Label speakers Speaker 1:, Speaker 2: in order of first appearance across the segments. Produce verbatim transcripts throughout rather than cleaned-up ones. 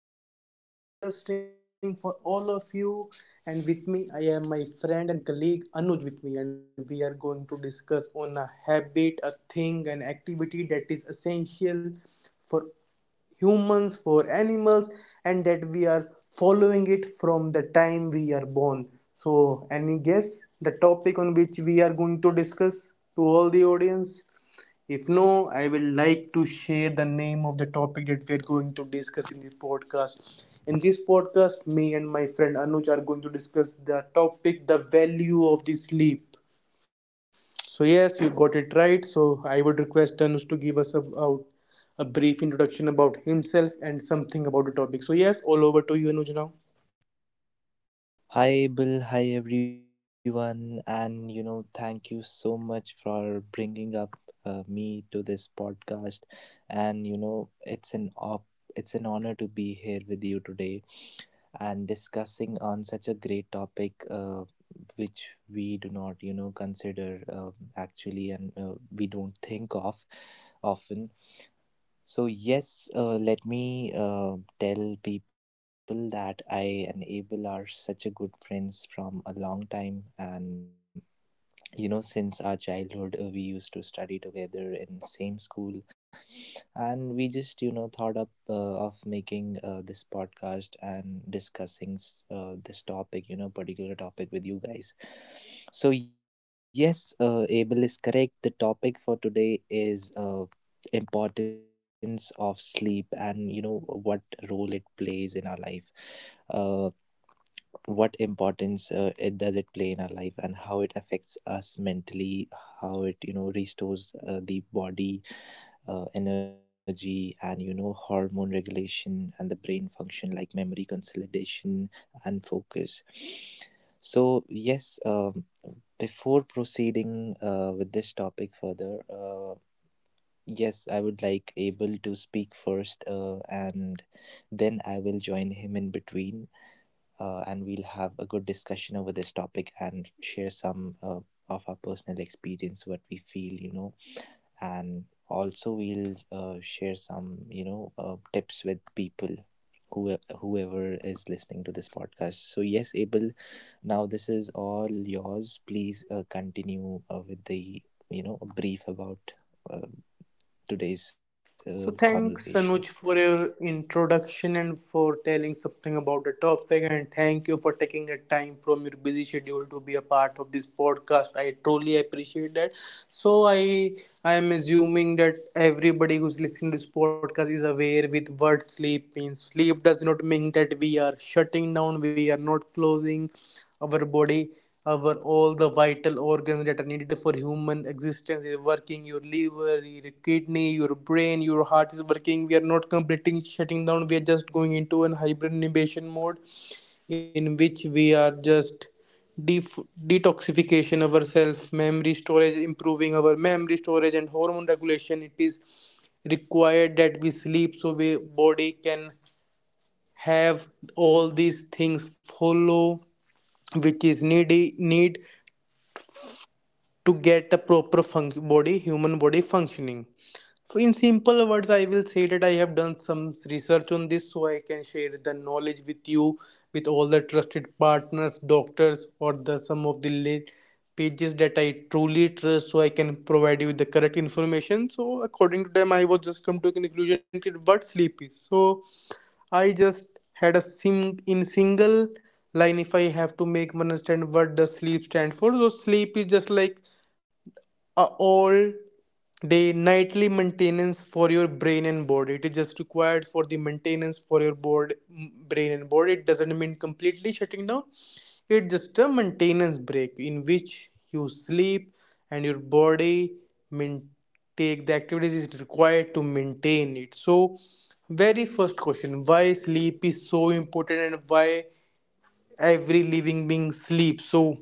Speaker 1: something amazing and interesting for all of you. And with me I am my friend and colleague Anuj with me and we are going to discuss on a habit, a thing, an activity that is essential for humans, for animals, and that we are following it from the time we are born. So any guess the topic on which we are going to discuss to all the audience? If no, I will like to share the name of the topic that we are going to discuss in this podcast. In this podcast me and my friend Anuj are going to discuss the topic, the value of the sleep. So yes, you got it right. So I would request Tanush to give us a, out a brief introduction about himself and something about the topic. So yes, all over to you, Anuj now.
Speaker 2: Hi, Bill. Hi, everyone. And, you know, thank you so much for bringing up uh, me to this podcast. And, you know, it's an op- it's an honor to be here with you today and discussing on such a great topic, uh, which we do not, you know, consider um actually and uh, we don't think of often. So, yes, uh, let me uh, tell people that I and Abel are such a good friends from a long time, and you know since our childhood uh, we used to study together in same school, and we just you know thought up uh, of making uh, this podcast and discussing s- uh, this topic, you know, particular topic with you guys. So yes, uh, Abel is correct, the topic for today is uh, importance of sleep, and you know what role it plays in our life. Uh, what importance uh, it does it play in our life and how it affects us mentally, how it you know restores uh, the body uh, energy, and you know hormone regulation and the brain function like memory consolidation and focus. So yes, um, before proceeding uh, with this topic further, uh, yes, I would like Abel to speak first, uh, and then I will join him in between, uh, and we'll have a good discussion over this topic and share some uh, of our personal experience, what we feel, you know, and also we'll uh, share some, you know, uh, tips with people who whoever is listening to this podcast. So, yes, Abel, now this is all yours. Please uh, continue uh, with the, you know, brief about uh, today's uh,
Speaker 1: So
Speaker 2: conversation.
Speaker 1: thanks Anuj for your introduction and for telling something about the topic, and thank you for taking a time from your busy schedule to be a part of this podcast. I truly appreciate that. So I I am assuming that everybody who's listening to this podcast is aware with what sleep means. Sleep does not mean that we are shutting down, we are not closing our body, our all the vital organs that are needed for human existence is working. Your liver, your kidney, your brain, your heart is working. We are not completely shutting down. We are just going into an hibernation mode, in which we are just def- detoxification ourselves, memory storage, improving our memory storage and hormone regulation. It is required that we sleep so we body can have all these things follow, which is needy need to get a proper func- body human body functioning. So in simple words I will say that I have done some research on this, so I can share the knowledge with you, with all the trusted partners, doctors, or the some of the late pages that I truly trust, so I can provide you with the correct information. So according to them, I was just come to a conclusion that what sleep is. So I just had a sim in single line, if I have to make one understand what does sleep stand for. So sleep is just like a all day nightly maintenance for your brain and body. It is just required for the maintenance for your board brain and body. It doesn't mean completely shutting down. It's just a maintenance break in which you sleep and your body main- take the activities is required to maintain it. So very first question, why sleep is so important and why every living being sleeps? So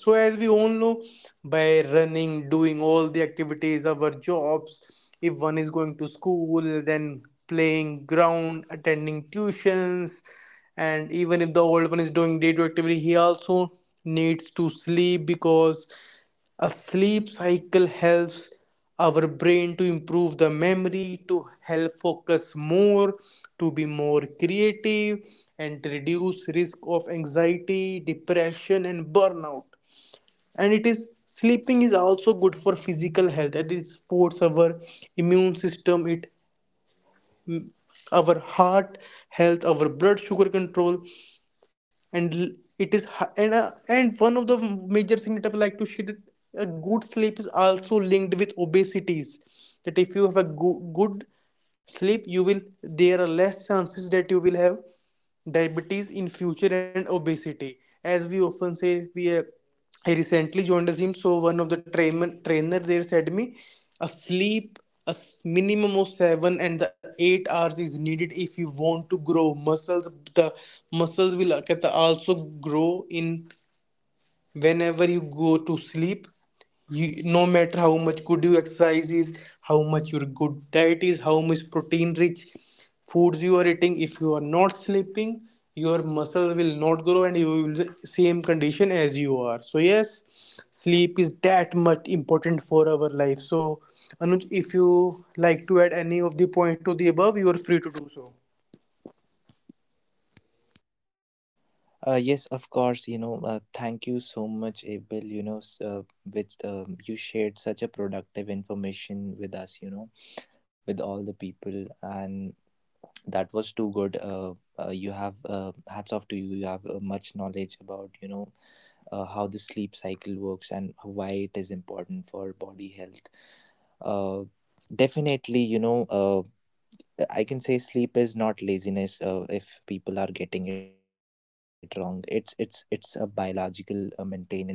Speaker 1: so, as we all know, by running, doing all the activities, our jobs, if one is going to school, then playing ground, attending tuitions, and even if the old one is doing day to activity, he also needs to sleep because a sleep cycle helps our brain to improve the memory, to help focus more, to be more creative, and to reduce risk of anxiety, depression, and burnout. And it is sleeping is also good for physical health and it supports our immune system, it our heart health, our blood sugar control, and l- it is hi- and, uh, and one of the major thing that I would like to share, that a good sleep is also linked with obesities. That if you have a go- good sleep, you will there are less chances that you will have diabetes in future and obesity. As we often say, we uh, I recently joined a gym, so one of the train- trainer there said me, a sleep a s- minimum of seven and the eight hours is needed if you want to grow muscles. The muscles will uh, get- also grow in whenever you go to sleep. You, no matter how much good you exercise is, how much your good diet is, how much protein rich foods you are eating, if you are not sleeping, your muscles will not grow and you will the same condition as you are. So yes, sleep is that much important for our life. So Anuj, if you like to add any of the point to the above, you are free to do so.
Speaker 2: Uh, yes, of course. You know, uh, thank you so much, Abel. You know, s- uh, which um you shared such a productive information with us. You know, with all the people, and that was too good. Uh, uh, you have uh, hats off to you. You have uh, much knowledge about you know uh, how the sleep cycle works and why it is important for body health. Uh, definitely, you know, uh, I can say sleep is not laziness, uh, if people are getting it wrong. It's it's it's a biological uh, maintenance of the body.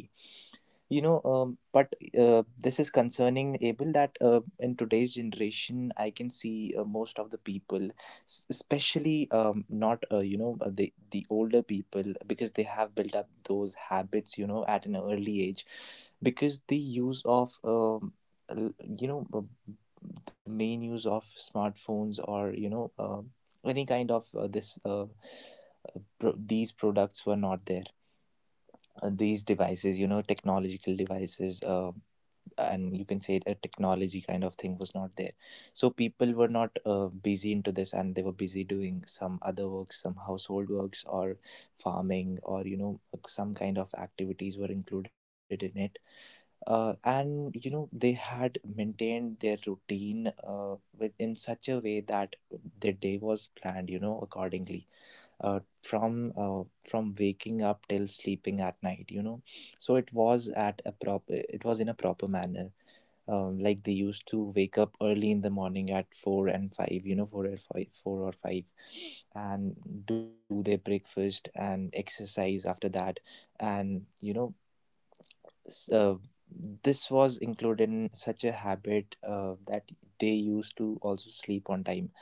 Speaker 2: You know, um, but uh, this is concerning Abel that uh, in today's generation, I can see uh, most of the people, s- especially um, not uh, you know uh, the the older people, because they have built up those habits, you know, at an early age, because the use of um, l- you know uh, the main use of smartphones or you know uh, any kind of uh, this uh, uh, pro- these products were not there, uh, these devices, you know, technological devices, uh, and you can say a technology kind of thing was not there. So people were not uh, busy into this, and they were busy doing some other works, some household works, or farming, or you know, some kind of activities were included in it. Uh, and you know, they had maintained their routine uh, with in such a way that their day was planned, you know, accordingly uh, from uh, from waking up till sleeping at night, you know. So it was at a proper, it was in a proper manner. um, like they used to wake up early in the morning at 4 and 5, you know, four or 5, 4 or five, and do their breakfast and exercise after that. And you know, s- uh, this was included in such a habit uh, that they used to also sleep on time.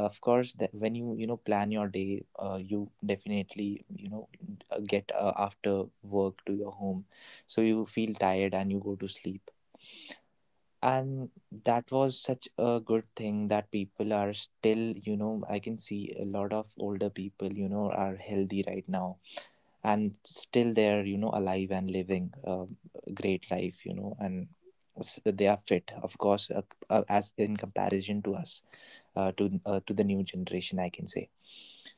Speaker 2: Of course, that when you you know plan your day, uh, you definitely you know uh, get uh, after work to your home, so you feel tired and you go to sleep. And that was such a good thing, that people are still you know, I can see a lot of older people, you know, are healthy right now, and still they're you know alive and living um, a great life, you know. And s- they are fit, of course, uh, uh, as in comparison to us, uh, to uh, to the new generation I can say.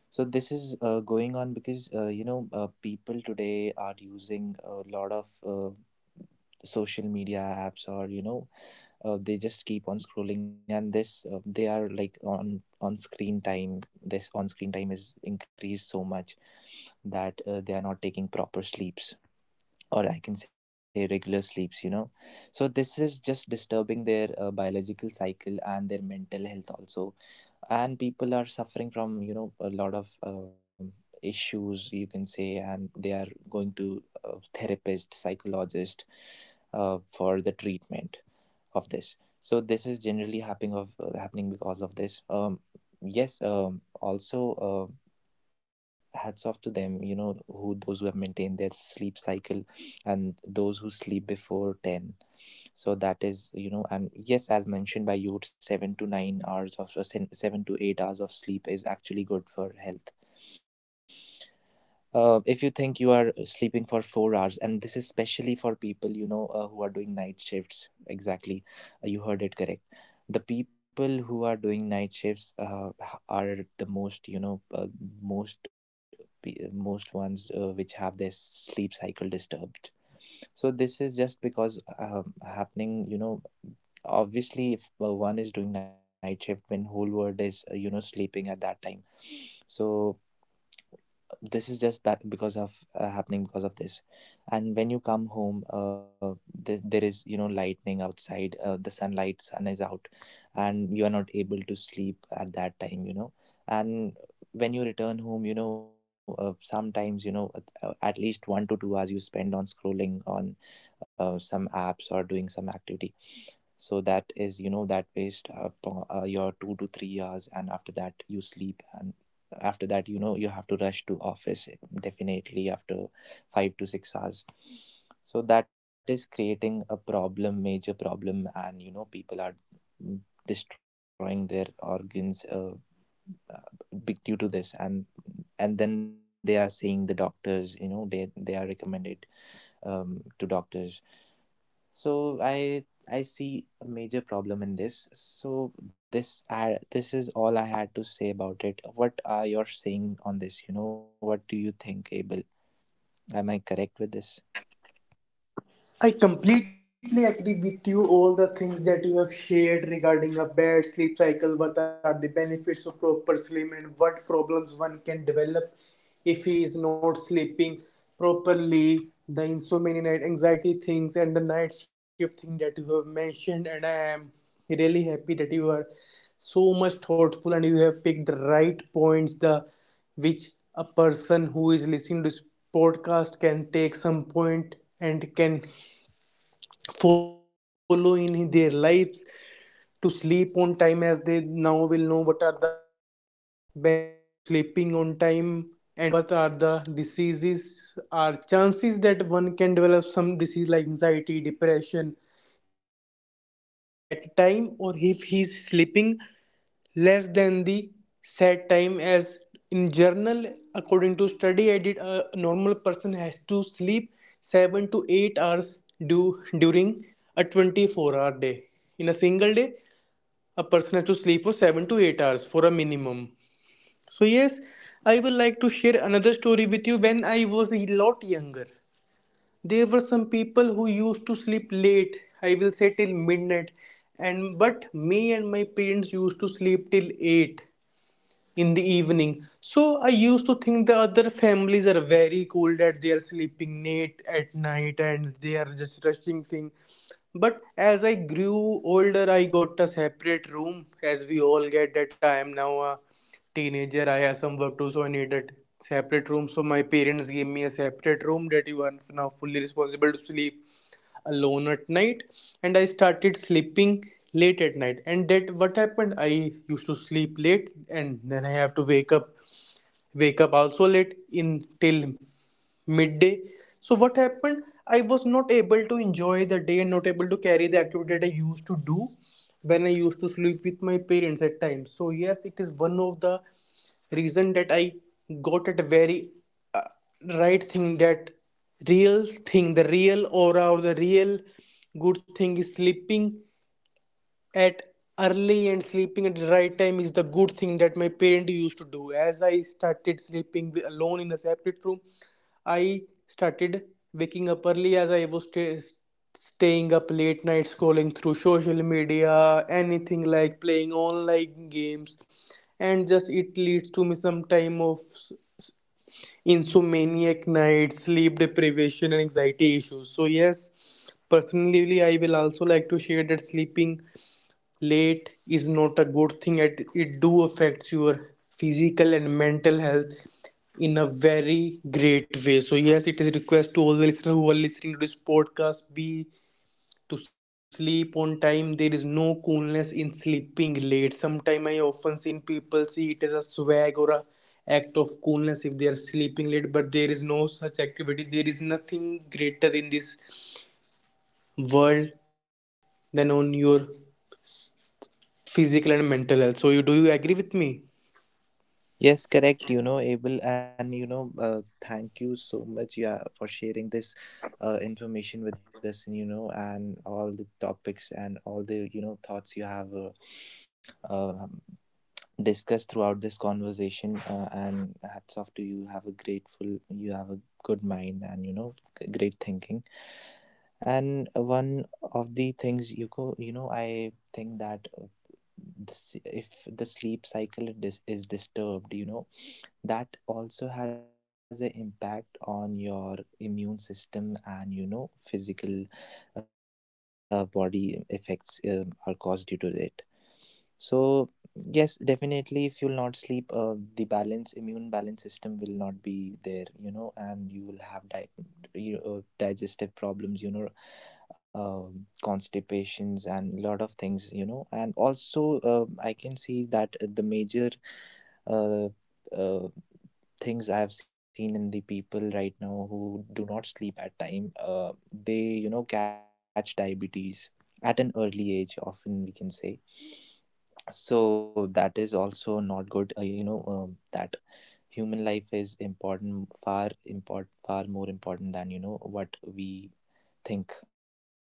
Speaker 2: So this is uh, going on because uh, you know uh, people today are using a lot of uh, social media apps, or you know uh, they just keep on scrolling, and this uh, they are like on on screen time. This on screen time is increased so much that uh, they are not taking proper sleeps, or I can say regular sleeps, you know. So this is just disturbing their uh, biological cycle and their mental health also, and people are suffering from you know a lot of um, issues, you can say, and they are going to uh, therapist, psychologist, uh, for the treatment of this. So this is generally happening of uh, happening because of this. um, yes, um, also, uh, hats off to them, you know, who those who have maintained their sleep cycle and those who sleep before ten. So that is you know, and yes, as mentioned by you, seven to nine hours of uh, sen- seven to eight hours of sleep is actually good for health. uh, if you think you are sleeping for four hours, and this is especially for people, you know, uh, who are doing night shifts. Exactly. uh, you heard it correct, the people who are doing night shifts uh, h- are the most, you know, uh, most pe- most ones uh, which have their sleep cycle disturbed. So this is just because, um, happening, you know, obviously if uh, one is doing night shift when whole world is uh, you know sleeping at that time. So this is just that because of, uh, happening because of this. And when you come home, uh, th- there is, you know, lightning outside, uh, the sunlight, sun is out, and you are not able to sleep at that time, you know. And when you return home, you know, uh, sometimes you know at uh, at least one to two hours you spend on scrolling on uh, some apps or doing some activity. So that is you know, that waste up uh, your two to three hours, and after that you sleep, and after that you know you have to rush to office, eh, definitely after five to six hours. So that is creating a problem, major problem, and you know people are mm, destroying their organs uh, uh, be- due to this. and and then they are seeing the doctors, you know, they they are recommended um, to doctors. So I I see a major problem in this. So this I this is all I had to say about it. What are your saying on this? You know, what do you think, Abel? Am I correct with this?
Speaker 1: I completely agree with you. All the things that you have shared regarding a bad sleep cycle, what are the benefits of proper sleep, and what problems one can develop if he is not sleeping properly, the insomnia, night anxiety things, and the night shift thing that you have mentioned. And I am really happy that you are so much thoughtful and you have picked the right points, the which a person who is listening to this podcast can take some point and can follow in their lives to sleep on time, as they now will know what are the benefits of sleeping on time and what are the diseases or chances that one can develop some disease like anxiety, depression if he is not sleeping at time or if he is sleeping less than the set time. As in journal, according to study I did, uh, a normal person has to sleep seven to eight hours due, during a twenty-four hour day. In a single day, a person has to sleep for seven to eight hours for a minimum. So yes, I would like to share another story with you. When I was a lot younger, there were some people who used to sleep late, I will say till midnight, and but me and my parents used to sleep till eight in the evening. So I used to think the other families are very cool, that they are sleeping late at night and they are just rushing thing. But as I grew older, I got a separate room. As we all get that, I am now a teenager, I have some work to, so I needed separate room. So my parents gave me a separate room, that you are now fully responsible to sleep alone at night. And I started sleeping late at night, and that what happened, I used to sleep late and then I have to wake up, wake up also late in till midday. So what happened, I was not able to enjoy the day and not able to carry the activity that I used to do when I used to sleep with my parents at times. So yes, it is one of the reason that I got at a very uh, right thing, that real thing, the real aura or the real good thing is sleeping at early, and sleeping at the right time is the good thing that my parent used to do. As I started sleeping wi- alone in a separate room, I started waking up early, as I was sta- staying up late night scrolling through social media, anything like playing online games, and just it leads to me some time of s- insomniac nights, sleep deprivation and anxiety issues. So yes, personally I will also like to share that sleeping late is not a good thing. It, it do affects your physical and mental health in a very great way. So yes, it is a request to all the listeners who are listening to this podcast, be to sleep on time. There is no coolness in sleeping late. Sometimes I often seen people see it as a swag or a act of coolness if they are sleeping late, but there is no such activity. There is nothing greater in this world than on your physical and mental health. So you do you agree with me?
Speaker 2: Yes, correct. You know, Abel, and you know, uh, thank you so much, yeah, for sharing this uh, information with us. And you know, and all the topics and all the you know thoughts you have uh, uh, discussed throughout this conversation, uh, and hats off to you, have a grateful, you have a good mind, and you know g- great thinking. And one of the things you go, you know, I think that uh, this, if the sleep cycle is, dis- is disturbed, you know, that also has an impact on your immune system, and you know physical uh, body effects um, are caused due to it. So yes, definitely if you'll not sleep, uh, the balance immune balance system will not be there, you know, and you will have di- you know, digestive problems, you know, um, constipations and lot of things, you know. And also uh, I can see that the major uh, uh, things I have seen in the people right now who do not sleep at time, uh, they you know catch diabetes at an early age. Often we can say. So that is also not good, uh, you know, um, that human life is important, far important, far more important than you know what we think.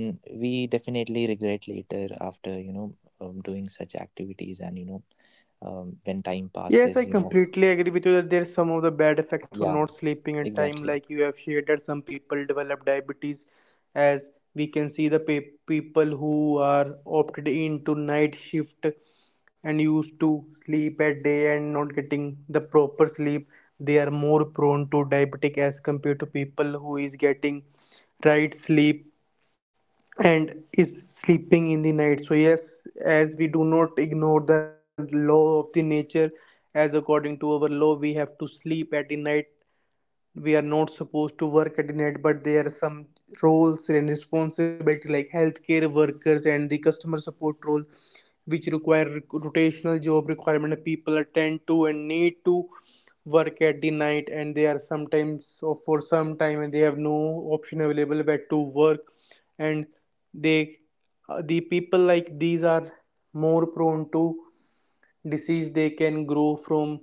Speaker 2: And we definitely regret later after you know um, doing such activities, and you know um, when
Speaker 1: Yes, I
Speaker 2: time
Speaker 1: completely
Speaker 2: passes,
Speaker 1: agree
Speaker 2: you
Speaker 1: with you
Speaker 2: know.
Speaker 1: that there's some of the
Speaker 2: Yeah. Hmm.
Speaker 1: bad effects of not sleeping
Speaker 2: Exactly.
Speaker 1: at time, like you have shared that some people develop diabetes, as we can see the pe- people who are opted into night shift and used to sleep at day and not getting the proper sleep, they are more prone to diabetic as compared to people who is getting right sleep and is sleeping in the night. So yes, as we do not ignore the law of the nature, as according to our law, we have to sleep at the night. We are not supposed to work at the net, but there are some roles and responsibility like healthcare workers and the customer support role which require rotational job requirement people attend to and need to work at the night, and they are sometimes or for some time and they have no option available but to work. And they uh, the people like these are more prone to disease they can grow from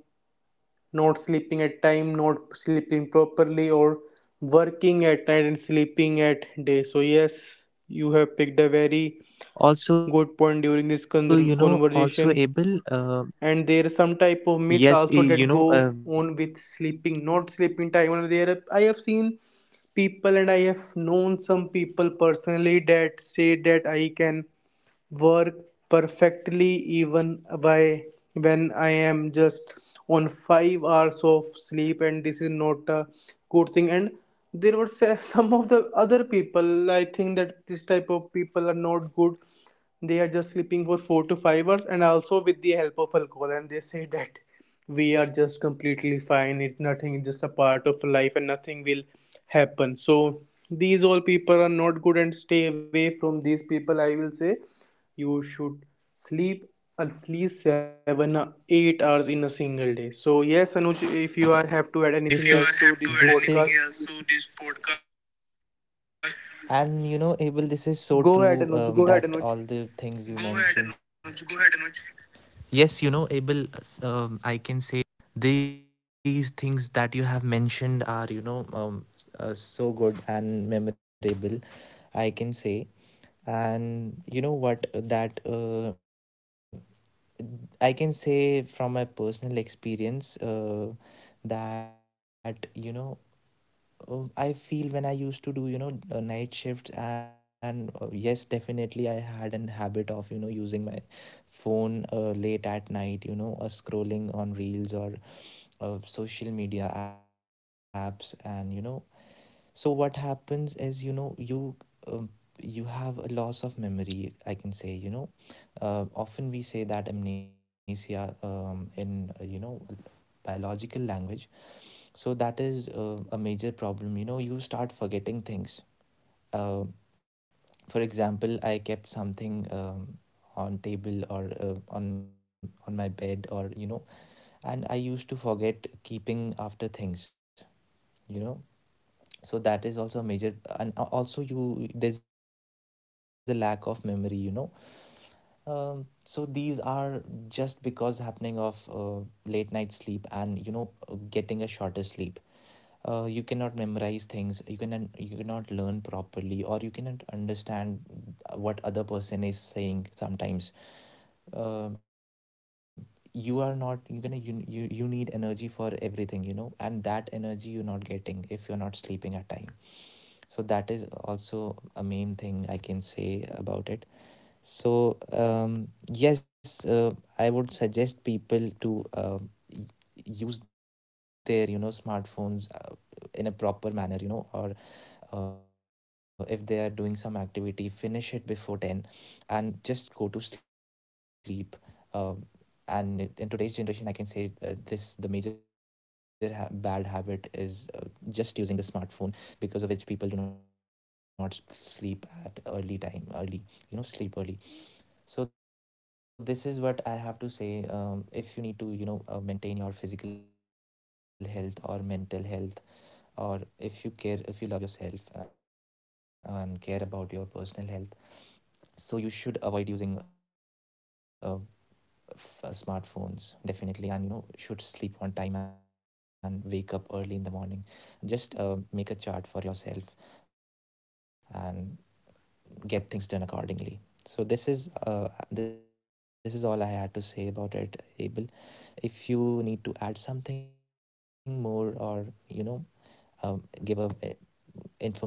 Speaker 1: not sleeping at time, not sleeping properly, or working at night and sleeping at day. So yes, you have picked a very good point during this con-
Speaker 2: Also you know,
Speaker 1: conversation.
Speaker 2: also
Speaker 1: And
Speaker 2: able
Speaker 1: there are some
Speaker 2: uh,
Speaker 1: type of myths also that go
Speaker 2: yes, eh,
Speaker 1: on
Speaker 2: you
Speaker 1: with
Speaker 2: know, uh,
Speaker 1: sleeping, not sleeping time. And there, I have seen people, and I have known some people personally, that say that I can work perfectly even why when I am just on five hours of sleep. And this is not a good thing. And there were se- some of the other people, I think that this type of people are not good. They are just sleeping for four to five hours and also with the help of alcohol, and they say that we are just completely fine, it's nothing, it's just a part of life and nothing will happen. So these all people are not good and stay away from these people, I will say. You should sleep at least seven or eight hours in a single day. So yes, Anuj, if you are have to add anything else to
Speaker 2: so
Speaker 1: this
Speaker 2: yes,
Speaker 1: podcast,
Speaker 2: Anuj, if This you are- is have to add this anything is else is to this podcast, and you know Abel, this
Speaker 1: go
Speaker 2: is
Speaker 1: ahead,
Speaker 2: so
Speaker 1: Anuj. Go ahead,
Speaker 2: true,
Speaker 1: Anuj.
Speaker 2: um, that all the things you go ahead, mentioned. Anuj. Go ahead, Anuj. Yes, you know, Abel, s- um, I can say these things that you have mentioned are, you know, um, s- uh, so good and memorable, I can say. And you know what, uh, that uh, I can say from my personal experience uh, that, you know, uh, I feel when I used to do, you know, uh, night shifts, and uh, yes, definitely I had an habit of, you know, using my phone uh, late at night, you know, uh, scrolling on reels or uh, social media apps, and, you know, so what happens is, you know, you um, you have a loss of memory, I can say, you know. Uh, often we say that amnesia, um, in, uh, you know, biological language. So that is uh, a major problem, you know, you start forgetting things. uh, for example, I kept something, um, on table or uh, on on my bed, or you know, and I used to forget keeping after things, you know. So that is also a major. And also you, there's a lack of memory, you know. um, so these are just because happening of uh, late night sleep, and you know, getting a shorter sleep. Uh, you cannot memorize things. You can you cannot learn properly, or you cannot understand what other person is saying. Sometimes, um, you are not, you gonna you, you you need energy for everything, you know, and that energy you're not getting if you're not sleeping at time. So that is also a main thing I can say about it. So um, yes, uh, I would suggest people to uh, use their you know smartphones uh, in a proper manner, you know, or uh, if they are doing some activity, finish it before ten and just go to sleep. um, and it- in today's generation I can say, uh, this the major ha- bad habit is uh, just using the smartphone, because of which people do not s- sleep at early time, early you know, sleep early. So this is what I have to say. Um, if you need to, you know, uh, maintain your physical health or mental health, or if you care, if you love yourself and care about your personal health, so you should avoid using uh, f- uh, smartphones definitely, and you know, should sleep on time and wake up early in the morning. Just uh, make a chart for yourself and get things done accordingly. So this is uh, this is all I had to say about it, Abel. If you need to add something more, or you know um, give a eh,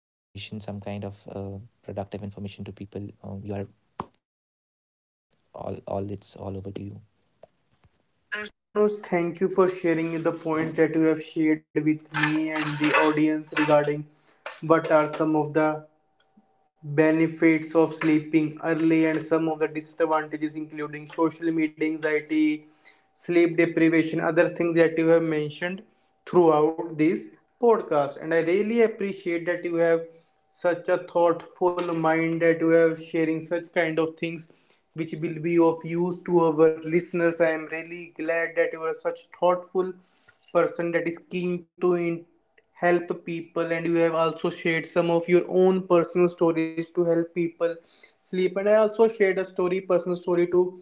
Speaker 2: information, some kind of uh, productive information to people, um, you are all all it's all over to you.
Speaker 1: So yes, Anuj, thank you for
Speaker 2: Uh,
Speaker 1: sharing the points that you have shared with me and the audience regarding what are some of the benefits of sleeping early and some of the disadvantages including social media anxiety, sleep deprivation, other things that you have mentioned throughout this podcast. And I really appreciate that you have such a thoughtful mind, that you have sharing such kind of things which will be of use to our listeners. I am really glad that you are such thoughtful person that is keen to in- help people, and you have also shared some of your own personal stories to help people sleep. And I also shared a story, personal story, to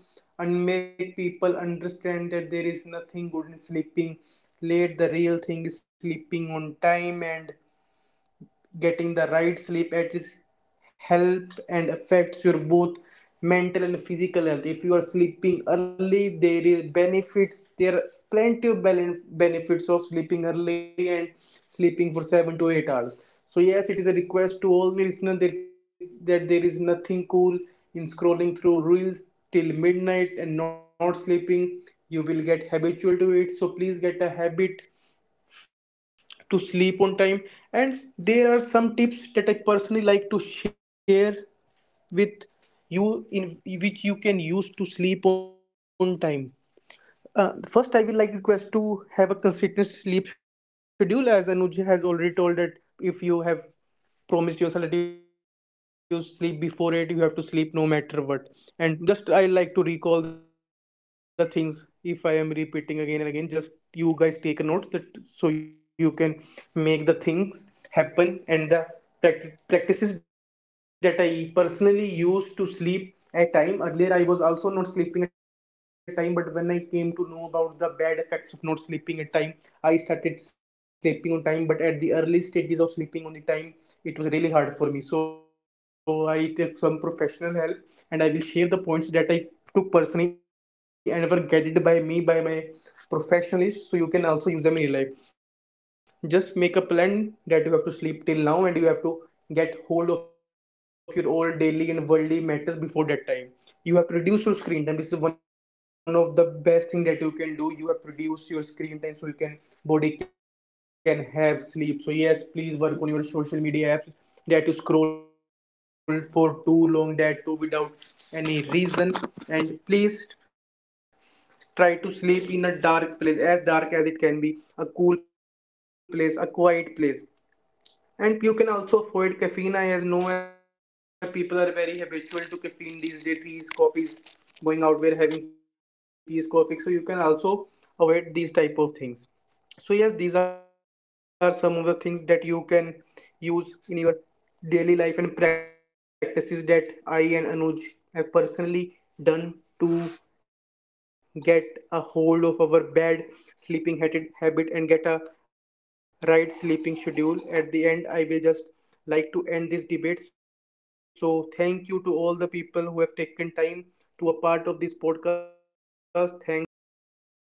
Speaker 1: and make people understand that there is nothing good in sleeping late. The real thing is sleeping on time, and getting the right sleep at is help and affects your both mental and physical health. If you are sleeping early, there is benefits. There are plenty of belen- benefits of sleeping early and sleeping for seven to eight hours. So yes, it is a request to all the listeners that, that there is nothing cool in scrolling through reels till midnight and not sleeping. You will get habitual to it. So please get a habit to sleep on time. And there are some tips that I personally like to share with you in which you can use to sleep on time. Uh, first, I will like request to have a consistent sleep schedule, as Anuj has already told, that if you have promise yourself that you sleep before it, you have to sleep no matter what. And just I like to recall the things if I am repeating again and again, just you guys take a note that so you can make the things happen. And the practi- practices that I personally used to sleep at time, earlier I was also not sleeping at time, but when I came to know about the bad effects of not sleeping at time, I started sleeping on time. But at the early stages of sleeping on the time, it was really hard for me. So I took some professional help, and I will share the points that I took personally and were guided by me by my professionals. So you can also use them in your life. Just make a plan that you have to sleep till now, and you have to get hold of your old daily and worldly matters before that time. You have produced your screen time, this is one of the best thing that you can do. You have produced your screen time so you can body can have sleep. So yes, please work on your social media apps that you scroll for too long, that too without any reason. And please try to sleep in a dark place, as dark as it can be, a cool place, a quiet place. And you can also avoid caffeine. I as know where people are very habitual to caffeine these days, teas, coffees, going out where having teas, coffee. So you can also avoid these type of things. So yes, these are some of the things that you can use in your daily life and practices that I and Anuj have personally done to get a hold of our bad sleeping habit and get a right sleeping schedule. At the end, I will just like to end this debate. So thank you to all the people who have taken time to a part of this podcast. Thanks, have a great day.